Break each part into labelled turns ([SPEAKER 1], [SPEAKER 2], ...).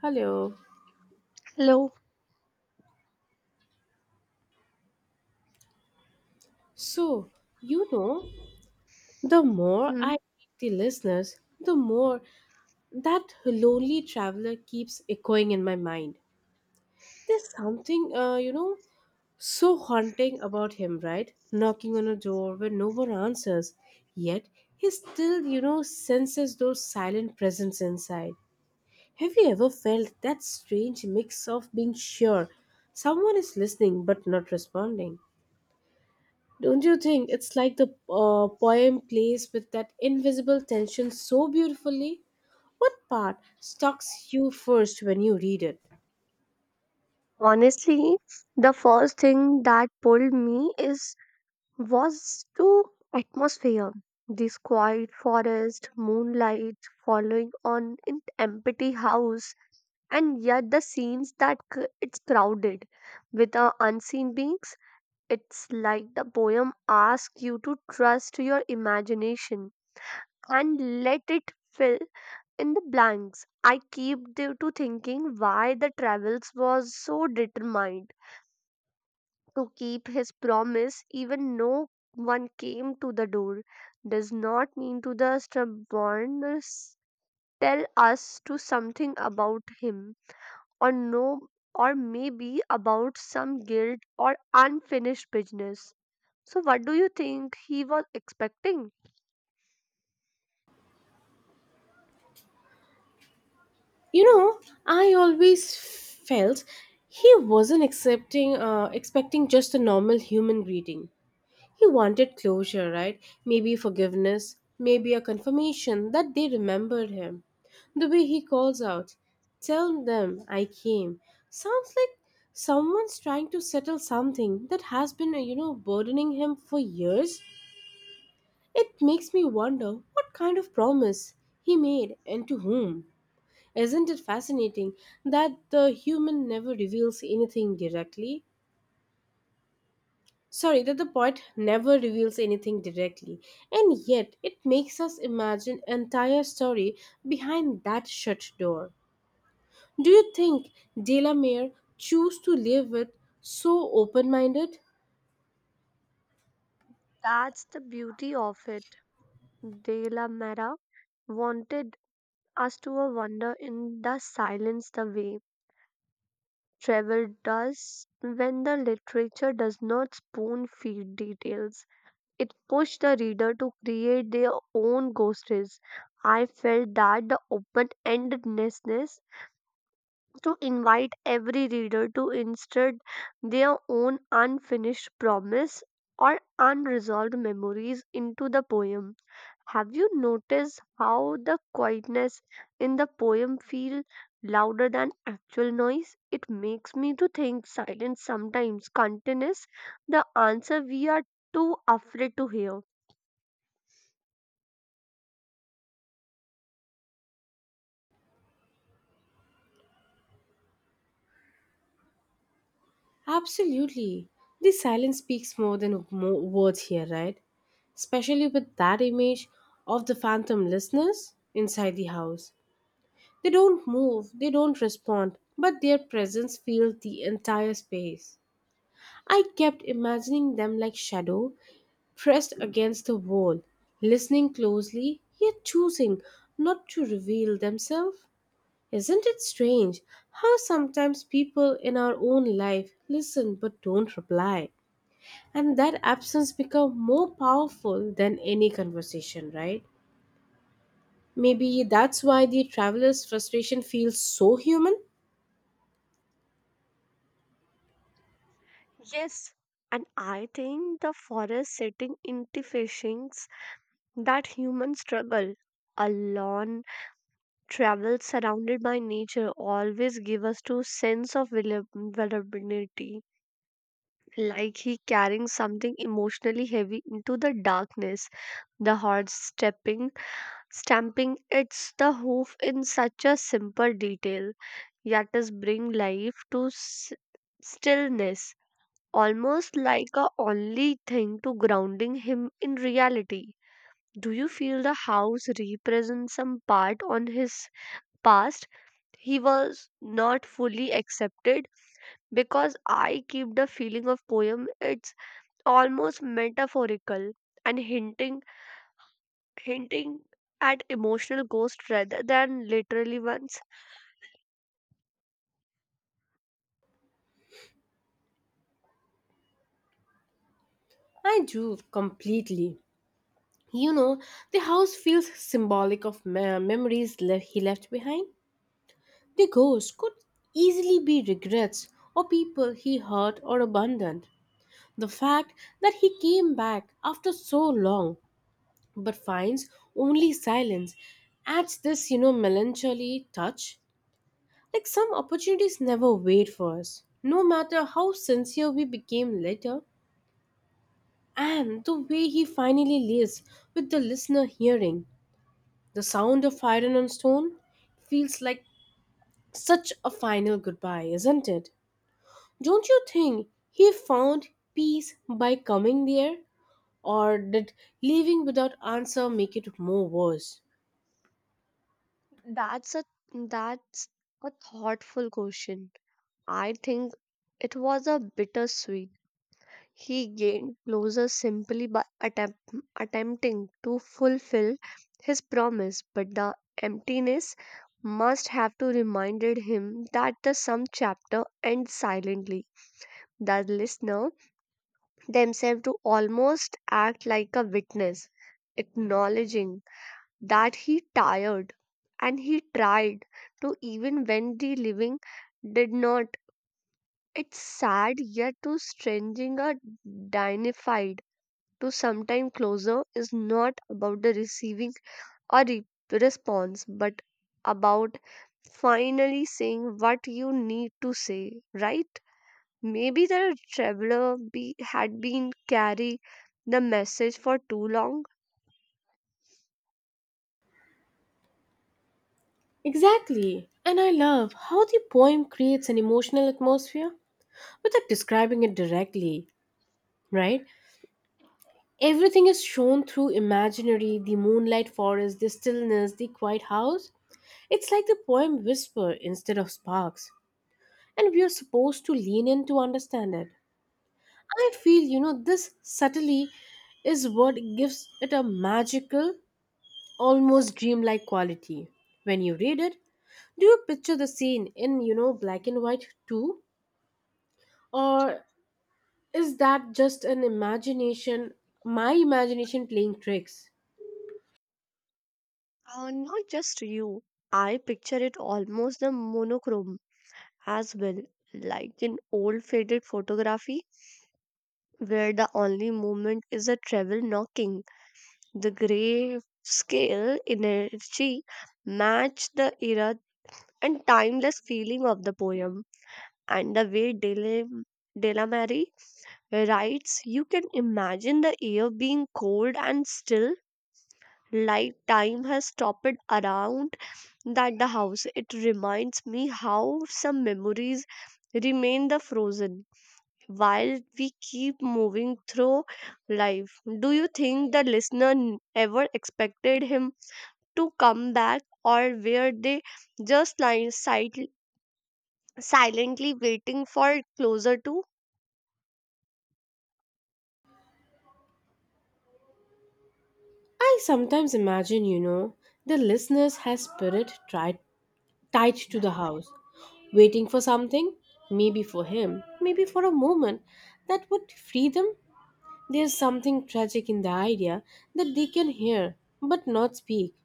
[SPEAKER 1] Hello.
[SPEAKER 2] Hello.
[SPEAKER 1] So, you know, the more I
[SPEAKER 2] Hmm.
[SPEAKER 1] meet the listeners, the more that lonely traveler keeps echoing in my mind. There's something, so haunting about him, right? Knocking on a door where no one answers, yet he still, senses those silent presence inside. Have you ever felt that strange mix of being sure someone is listening but not responding? Don't you think it's like the poem plays with that invisible tension so beautifully? What part stalks you first when you read it?
[SPEAKER 2] Honestly, the first thing that pulled me is was to atmosphere. This quiet forest, moonlight following on an empty house, and yet the scenes that it's crowded with unseen beings. It's like the poem asks you to trust your imagination and let it fill in the blanks. I keep to thinking why the travels was so determined to keep his promise even no one came to the door. Does not mean to the stubbornness tell us to something about him or no or maybe about some guilt or unfinished business. So what do you think he was expecting?
[SPEAKER 1] You know, I always felt he wasn't expecting just a normal human greeting. He wanted closure, right? Maybe forgiveness, maybe a confirmation that they remembered him. The way he calls out, "Tell them I came," sounds like someone's trying to settle something that has been, burdening him for years. It makes me wonder what kind of promise he made and to whom. Isn't it fascinating that the human never reveals anything directly? Sorry, that the poet never reveals anything directly, and yet it makes us imagine an entire story behind that shut door. Do you think Delamere chose to live with so open-minded?
[SPEAKER 2] That's the beauty of it. De la Mera wanted us to a wonder in the silence the way travel does when the literature does not spoon feed details. It pushed the reader to create their own ghosts. I felt that the open endedness to invite every reader to insert their own unfinished promise or unresolved memories into the poem. Have you noticed how the quietness in the poem feel louder than actual noise? It makes me to think silence sometimes contains the answer we are too afraid to hear.
[SPEAKER 1] Absolutely. The silence speaks more than words here, right? Especially with that image of the phantom listeners inside the house. They don't move, they don't respond, but their presence fills the entire space. I kept imagining them like shadow, pressed against the wall, listening closely, yet choosing not to reveal themselves. Isn't it strange how sometimes people in our own life listen but don't reply? And that absence becomes more powerful than any conversation, right? Maybe that's why the traveler's frustration feels so human.
[SPEAKER 2] Yes, and I think the forest setting into fishings that human struggle alone travel surrounded by nature always give us to sense of vulnerability like he carrying something emotionally heavy into the darkness. The horse stepping, stamping its the hoof in such a simple detail, yet is bring life to stillness, almost like a only thing to grounding him in reality. Do you feel the house represents some part on his past? He was not fully accepted because I keep the feeling of poem. It's almost metaphorical and hinting at emotional ghosts rather than literally ones.
[SPEAKER 1] I do completely. You know, the house feels symbolic of memories he left behind. The ghost could easily be regrets or people he hurt or abandoned. The fact that he came back after so long but finds only silence adds this, melancholy touch. Like some opportunities never wait for us, no matter how sincere we became later. And the way he finally lives with the listener hearing "The sound of iron on stone" feels like such a final goodbye, isn't it? Don't you think he found peace by coming there? Or did leaving without answer make it more worse?
[SPEAKER 2] That's a that's a thoughtful question. I think it was a bittersweet. He gained closer simply by attempting to fulfill his promise, but the emptiness must have to reminded him that the some chapter ends silently. The listener themselves to almost act like a witness, acknowledging that he tired and he tried to even when the living did not. It's sad yet too stranging a dignified to sometime closer is not about the receiving or response but about finally saying what you need to say, right? Maybe the traveler had been carry the message for too long.
[SPEAKER 1] Exactly. And I love how the poem creates an emotional atmosphere without describing it directly, right? Everything is shown through imaginary the moonlight forest, the stillness, the quiet house. It's like the poem whisper instead of sparks, and we are supposed to lean in to understand it. I feel, this subtlety is what gives it a magical, almost dreamlike quality. When you read it, do you picture the scene in, black and white too? Or is that just an imagination, my imagination playing tricks?
[SPEAKER 2] Not just you. I picture it almost the monochrome as well, like an old faded photography where the only movement is a travel knocking. The gray scale energy match the era and timeless feeling of the poem and the way Delamere writes, you can imagine the air being cold and still, like time has stopped around that the house. It reminds me how some memories remain the frozen while we keep moving through life. Do you think the listener ever expected him to come back, or were they just lying silently waiting for closer to?
[SPEAKER 1] I sometimes imagine, the listeners has spirit tried tied to the house, waiting for something, maybe for him, maybe for a moment that would free them. There's something tragic in the idea that they can hear but not speak.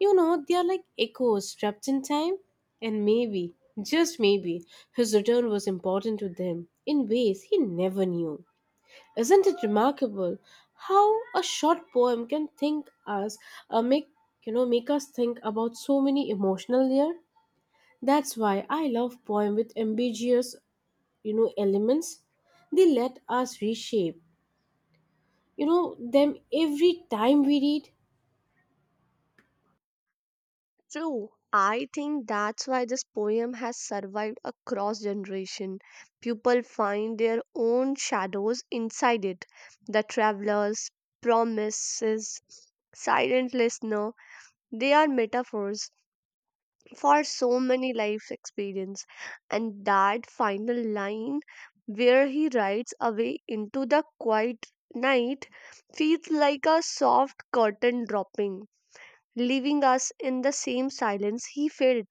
[SPEAKER 1] They are like echoes trapped in time. And maybe, just maybe, his return was important to them in ways he never knew. Isn't it remarkable how a short poem can think us, make you know, make us think about so many emotional layers? That's why I love poems with ambiguous, elements. They let us reshape, them every time we read.
[SPEAKER 2] True. I think that's why this poem has survived across generation. People find their own shadows inside it. The travelers, promises, silent listener, they are metaphors for so many life's experience. And that final line where he rides away into the quiet night feels like a soft curtain dropping, leaving us in the same silence he felt.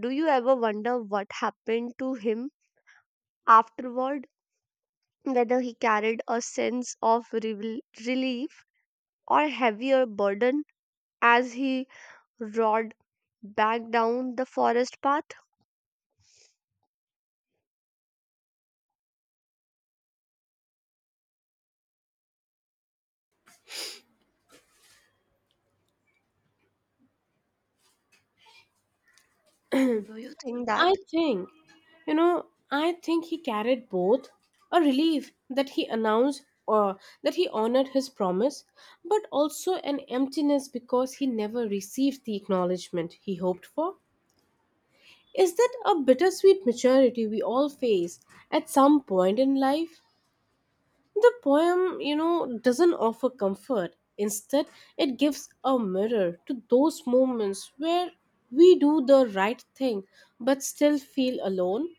[SPEAKER 2] Do you ever wonder what happened to him afterward? Whether he carried a sense of relief or heavier burden as he roared back down the forest path? Do you think that?
[SPEAKER 1] I think, I think he carried both a relief that he announced or that he honored his promise, but also an emptiness because he never received the acknowledgement he hoped for. Is that a bittersweet maturity we all face at some point in life? The poem, doesn't offer comfort. Instead, it gives a mirror to those moments where we do the right thing but still feel alone.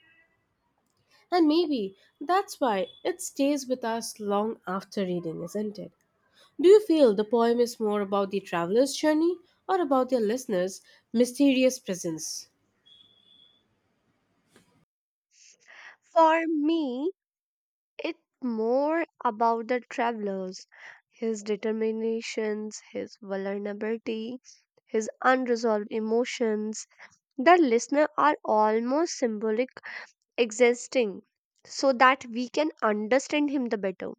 [SPEAKER 1] And maybe that's why it stays with us long after reading, isn't it? Do you feel the poem is more about the traveler's journey or about their listener's mysterious presence?
[SPEAKER 2] For me, it's more about the travelers, his determinations, his vulnerability, his unresolved emotions. The listener are almost symbolic existing so that we can understand him the better.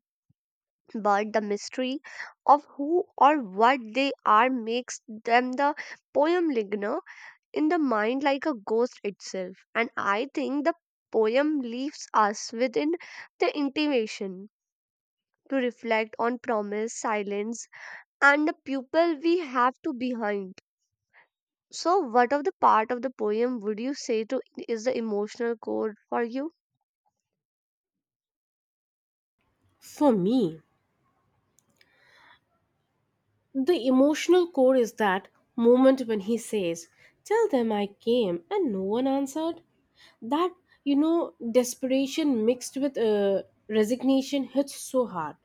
[SPEAKER 2] But the mystery of who or what they are makes them the poem linger in the mind like a ghost itself. And I think the poem leaves us within the intimation to reflect on promise, silence, and the pupil we have to behind. So, what of the part of the poem would you say to is the emotional core for you?
[SPEAKER 1] For me, the emotional core is that moment when he says, "Tell them I came and no one answered." That desperation mixed with resignation hits so hard.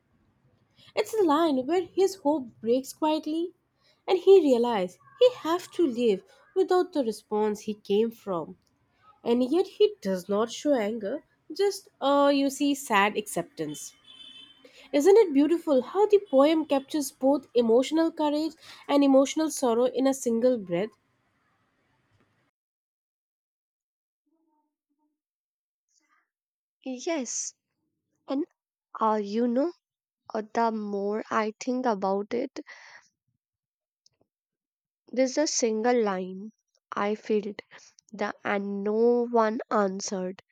[SPEAKER 1] It's the line where his hope breaks quietly and he realizes he has to live without the response he came from, and yet he does not show anger, just you see, sad acceptance. Isn't it beautiful how the poem captures both emotional courage and emotional sorrow in a single breath?
[SPEAKER 2] Yes, and uh, you know the more I think about it, there's a single line I felt the and no one answered.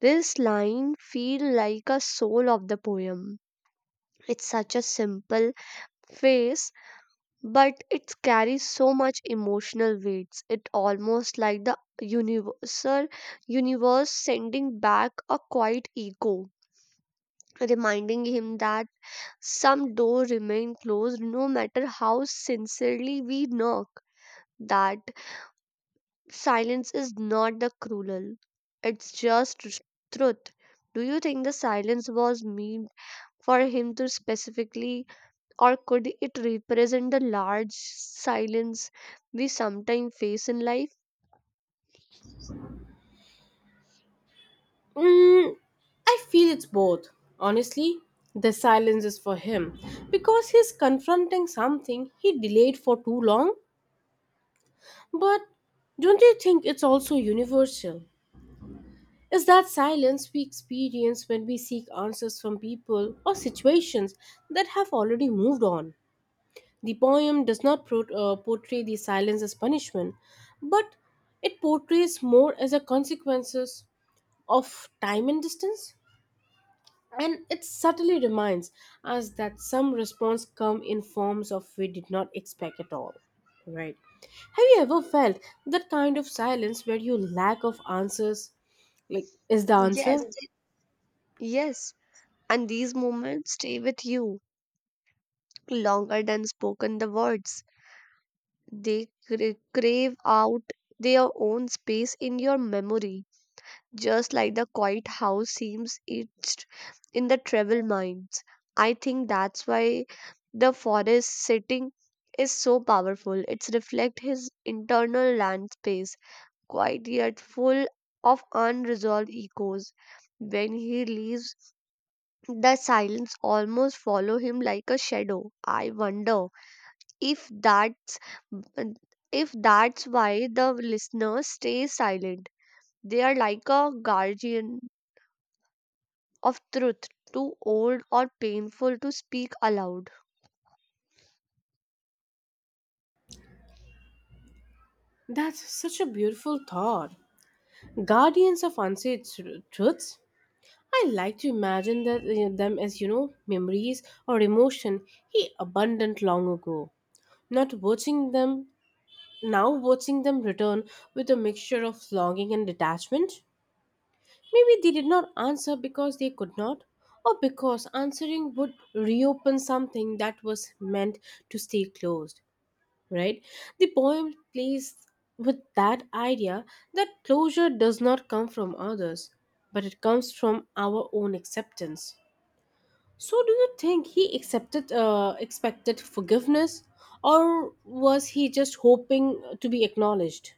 [SPEAKER 2] This line feel like a soul of the poem. It's such a simple phrase, but it carries so much emotional weights. It almost like the universal universe sending back a quiet echo, reminding him that some door remain closed no matter how sincerely we knock. That silence is not the cruel, it's just truth. Do you think the silence was meant for him to specifically, or could it represent the large silence we sometimes face in life?
[SPEAKER 1] Mm, I feel it's both. Honestly, the silence is for him because he's confronting something he delayed for too long. But don't you think it's also universal? Is that silence we experience when we seek answers from people or situations that have already moved on? The poem does not portray the silence as punishment, but it portrays more as a consequences of time and distance. And it subtly reminds us that some response come in forms of we did not expect at all. Right. Have you ever felt that kind of silence where you lack of answers like is the answer?
[SPEAKER 2] Yes, yes. And these moments stay with you longer than spoken the words. They crave out their own space in your memory. Just like the quiet house seems etched in the travel minds. I think that's why the forest setting is so powerful. It's reflect his internal land space, quiet yet full of unresolved echoes. When he leaves, the silence almost follow him like a shadow. I wonder if that's if that's why the listener stays silent. They are like a guardian of truth too old or painful to speak aloud.
[SPEAKER 1] That's such a beautiful thought. Guardians of unsaid truths. I like to imagine that them as memories or emotion he abundant long ago. Not watching them. Now, watching them return with a mixture of longing and detachment, maybe they did not answer because they could not, or because answering would reopen something that was meant to stay closed, right? The poem plays with that idea that closure does not come from others, but it comes from our own acceptance. So, do you think he expected forgiveness, or was he just hoping to be acknowledged?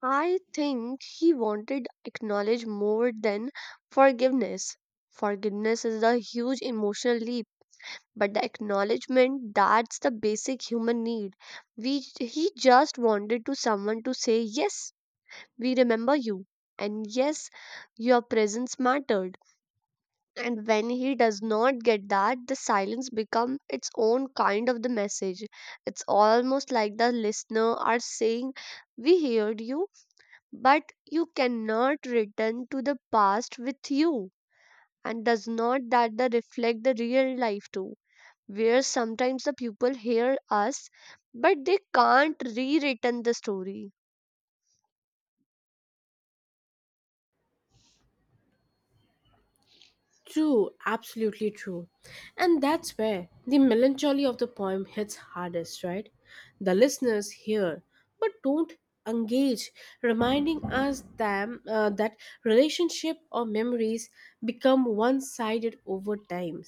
[SPEAKER 2] I think he wanted acknowledge more than forgiveness. Forgiveness is a huge emotional leap, but the acknowledgement that's the basic human need. We He just wanted to someone to say yes, we remember you, and yes, your presence mattered. And when he does not get that, the silence become its own kind of the message. It's almost like the listener are saying, we heard you but you cannot return to the past with you. And does not that the reflect the real life too, where sometimes the people hear us but they can't rewritten the story.
[SPEAKER 1] True, absolutely true. And that's where the melancholy of the poem hits hardest, right? The listeners hear but don't engage, reminding us them that relationship or memories become one-sided over time.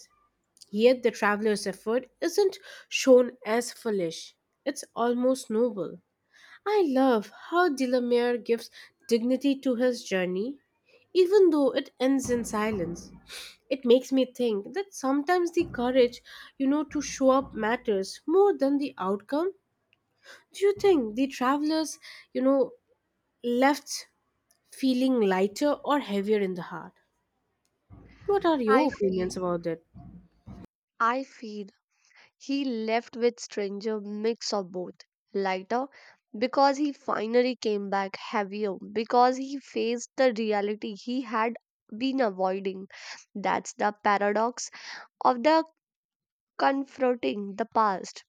[SPEAKER 1] Yet the traveler's effort isn't shown as foolish. It's almost noble. I love how Delamere gives dignity to his journey, even though it ends in silence. It makes me think that sometimes the courage, to show up matters more than the outcome. Do you think the travelers, you know, left feeling lighter or heavier in the heart? What are
[SPEAKER 2] I
[SPEAKER 1] your
[SPEAKER 2] feel
[SPEAKER 1] opinions about it?
[SPEAKER 2] I feel he left with stranger mix of both. Lighter because he finally came back, heavier because he faced the reality he had been avoiding. That's the paradox of the confronting the past.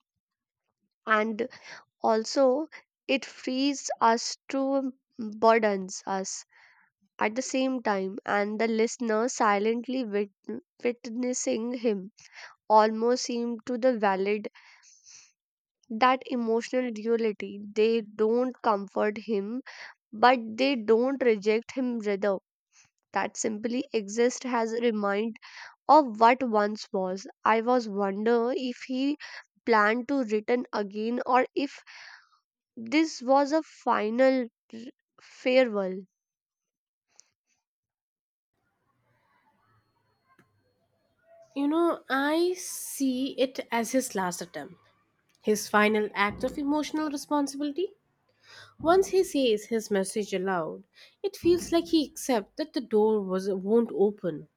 [SPEAKER 2] And also it frees us to burdens us at the same time, and the listener silently witnessing him almost seem to the valid that emotional duality. They don't comfort him, but they don't reject him either. That simply exist has a remind of what once was. I was wonder if he planned to return again or if this was a final r- farewell.
[SPEAKER 1] I see it as his last attempt, his final act of emotional responsibility. Once he says his message aloud, it feels like he accepts that the door won't open,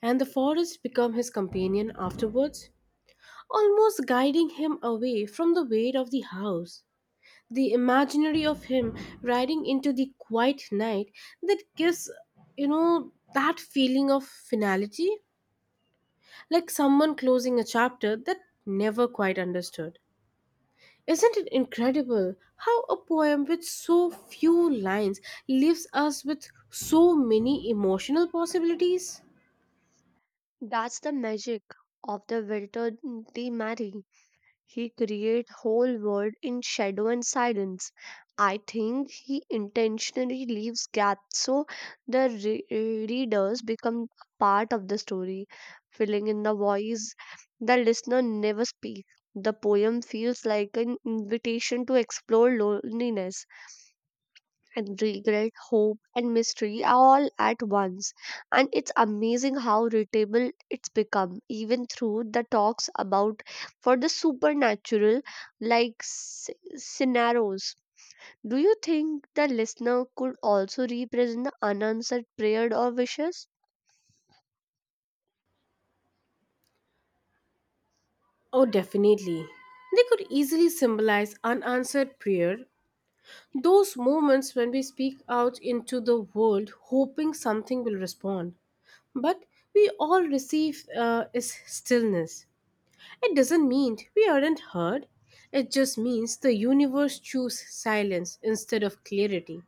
[SPEAKER 1] and the forest become his companion afterwards, almost guiding him away from the weight of the house. The imaginary of him riding into the quiet night that gives, that feeling of finality, like someone closing a chapter that never quite understood. Isn't it incredible how a poem with so few lines leaves us with so many emotional possibilities?
[SPEAKER 2] That's the magic of the Wilton T. Mary. He create whole world in shadow and silence. I think he intentionally leaves gaps so the readers become part of the story, filling in the voice the listener never speaks. The poem feels like an invitation to explore loneliness and regret, hope, and mystery are all at once. And it's amazing how relatable it's become, even through the talks about for the supernatural, like scenarios. Do you think the listener could also represent the unanswered prayer or wishes?
[SPEAKER 1] Oh, definitely. They could easily symbolize unanswered prayer, those moments when we speak out into the world hoping something will respond. But we all receive is stillness. It doesn't mean we aren't heard. It just means the universe chose silence instead of clarity.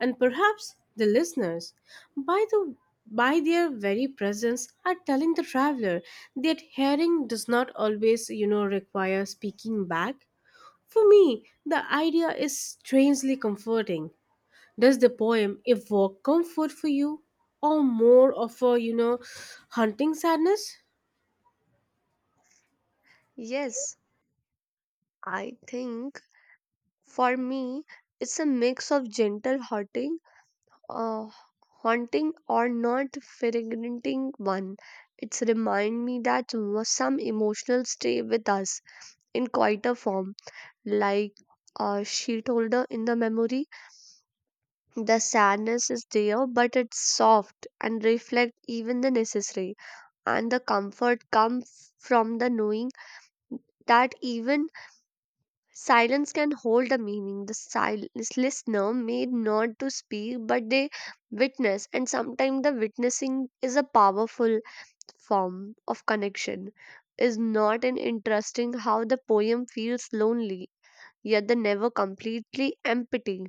[SPEAKER 1] And perhaps the listeners, by the by their very presence, are telling the traveler that hearing does not always, require speaking back. For me, the idea is strangely comforting. Does the poem evoke comfort for you, or more of a, haunting sadness?
[SPEAKER 2] Yes, I think for me, it's a mix of gentle uh, haunting or not fragmenting one. It's remind me that some emotional stay with us in quieter form, like a sheet holder in the memory. The sadness is there, but it's soft and reflect even the necessary. And the comfort comes from the knowing that even silence can hold a meaning. The listener may not to speak, but they witness, and sometimes the witnessing is a powerful form of connection. Is not an interesting how the poem feels lonely, yet the never completely empty.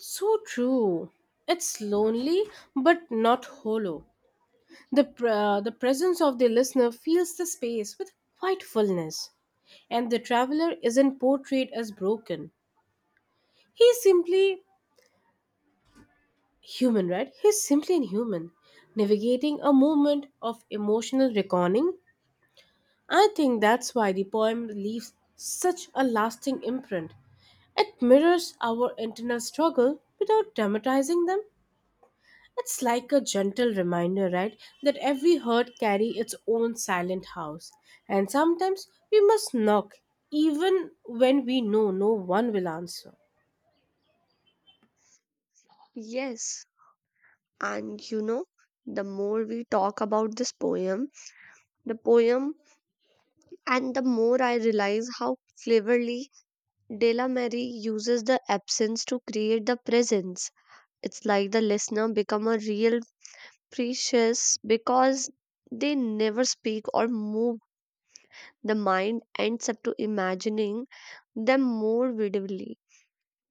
[SPEAKER 1] So true. It's lonely but not hollow. The presence of the listener fills the space with quite fullness, and the traveler isn't portrayed as broken. He's simply human, right? He's simply an human, navigating a moment of emotional reckoning. I think that's why the poem leaves such a lasting imprint. It mirrors our internal struggle without dramatizing them. It's like a gentle reminder, right, that every herd carry its own silent house. And sometimes we must knock, even when we know no one will answer.
[SPEAKER 2] Yes, and the more we talk about this poem, the poem, and the more I realize how cleverly Della Mary uses the absence to create the presence. It's like the listener become a real precious because they never speak or move. The mind ends up to imagining them more vividly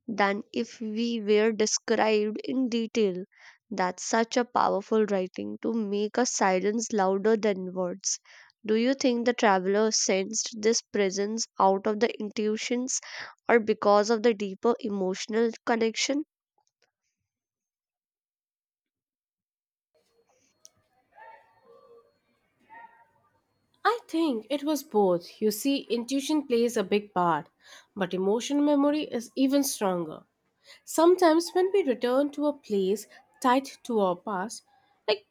[SPEAKER 2] than if we were described in detail. That's such a powerful writing to make a silence louder than words. Do you think the traveler sensed this presence out of the intuitions or because of the deeper emotional connection?
[SPEAKER 1] I think it was both. You see, intuition plays a big part, but emotional memory is even stronger. Sometimes when we return to a place tied to our past, like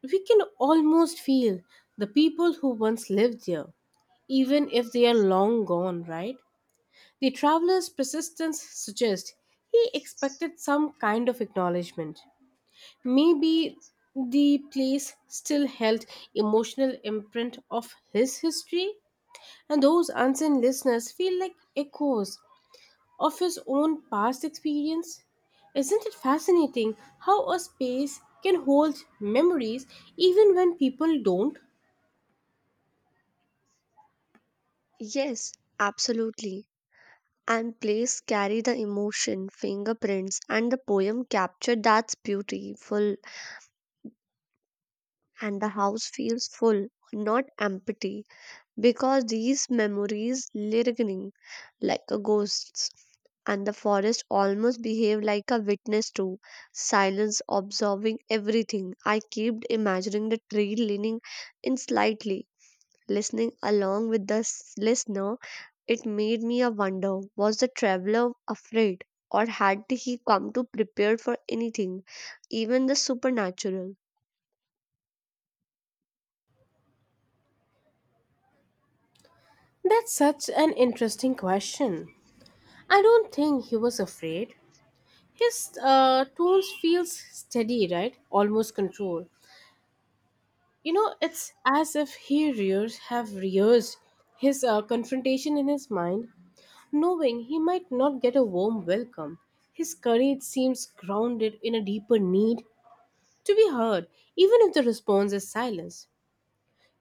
[SPEAKER 1] we can almost feel the people who once lived there, even if they are long gone, right? The traveler's persistence suggests he expected some kind of acknowledgement. Maybe the place still held emotional imprint of his history, and those unseen listeners feel like echoes of his own past experience. Isn't it fascinating how a space can hold memories even when people don't?
[SPEAKER 2] Yes, absolutely. And plays carry the emotion, fingerprints, and the poem capture that's beautiful. And the house feels full, not empty, because these memories lingering like a ghosts. And the forest almost behave like a witness to silence, observing everything. I kept imagining the tree leaning in slightly listening along with the listener. It made me a wonder, was the traveler afraid or had he come to prepared for anything, even the supernatural?
[SPEAKER 1] That's such an interesting question. I don't think he was afraid. His tone feels steady, right? Almost controlled. It's as if he rears have rehearsed his confrontation in his mind, knowing he might not get a warm welcome. His courage seems grounded in a deeper need to be heard, even if the response is silence.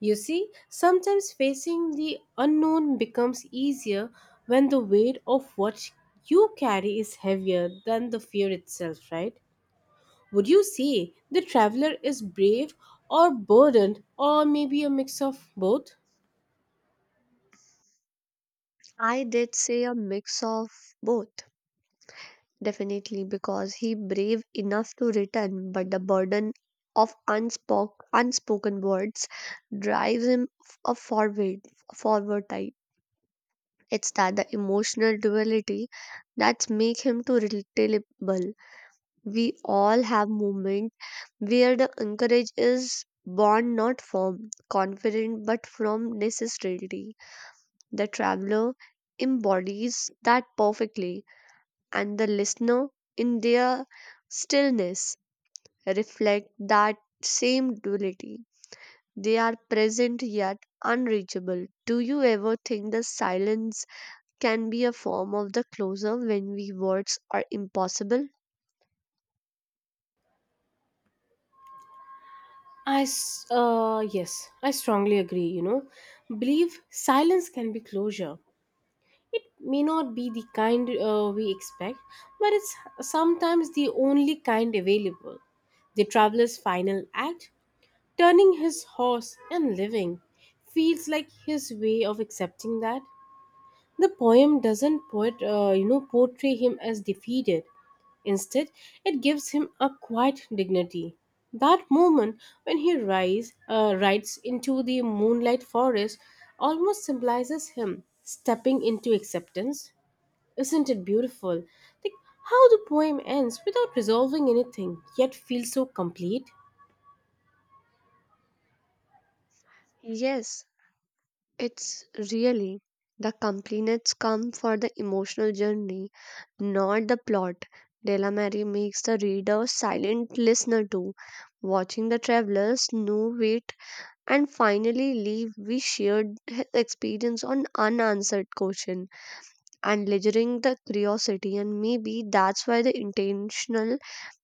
[SPEAKER 1] You see, sometimes facing the unknown becomes easier when the weight of what you carry is heavier than the fear itself, right? Would you say the traveler is brave or burdened or maybe a mix of both?
[SPEAKER 2] I did say a mix of both, definitely, because he brave enough to return, but the burden of unspoken words drives him a forward type. It's that the emotional duality that's make him to relatable. We all have moments where the encourage is born not from confidence but from necessity. The traveler embodies that perfectly, and the listener, in their stillness, reflect that same duality. They are present yet unreachable. Do you ever think the silence can be a form of the closer when we words are impossible?
[SPEAKER 1] Yes, I strongly agree. Believe silence can be closure. It may not be the kind we expect, but it's sometimes the only kind available. The traveler's final act, turning his horse and living, feels like his way of accepting that the poem doesn't portray him as defeated. Instead, it gives him a quiet dignity. That moment when he rides into the moonlight forest almost symbolizes him stepping into acceptance. Isn't it beautiful? Like how the poem ends without resolving anything, yet feels so complete.
[SPEAKER 2] Yes, it's really the compliments come for the emotional journey, not the plot. Delamere makes the reader silent listener too, watching the travelers know wait and finally leave. We shared his experience on unanswered question and ledgering the curiosity, and maybe that's why the intentional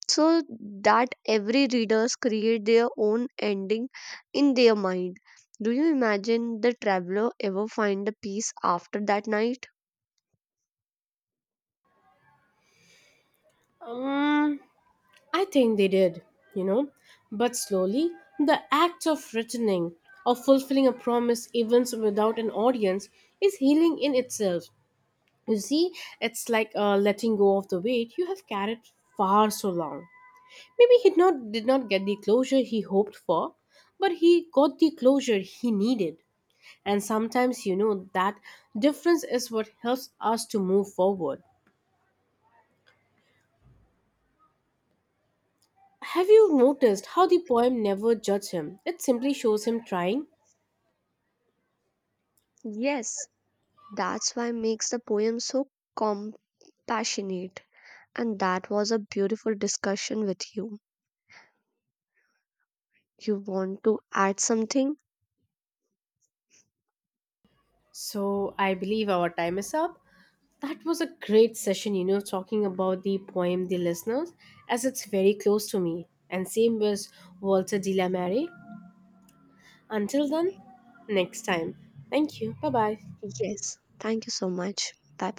[SPEAKER 2] so that every readers create their own ending in their mind. Do you imagine the traveler ever find the peace after that night?
[SPEAKER 1] Um, I think they did, you know. But slowly, the act of returning or fulfilling a promise, even without an audience, is healing in itself. You see, it's like letting go of the weight you have carried far so long. Maybe he not, did not get the closure he hoped for, but he got the closure he needed. And sometimes, that difference is what helps us to move forward. Have you noticed how the poem never judges him? It simply shows him trying.
[SPEAKER 2] Yes, that's why makes the poem so compassionate. And that was a beautiful discussion with you. You want to add something?
[SPEAKER 1] So I believe our time is up. That was a great session, talking about the poem "The Listeners," as it's very close to me. And same with Walter de la Mare. Until then, next time. Thank you. Bye bye.
[SPEAKER 2] Yes. Thank you so much. Bye.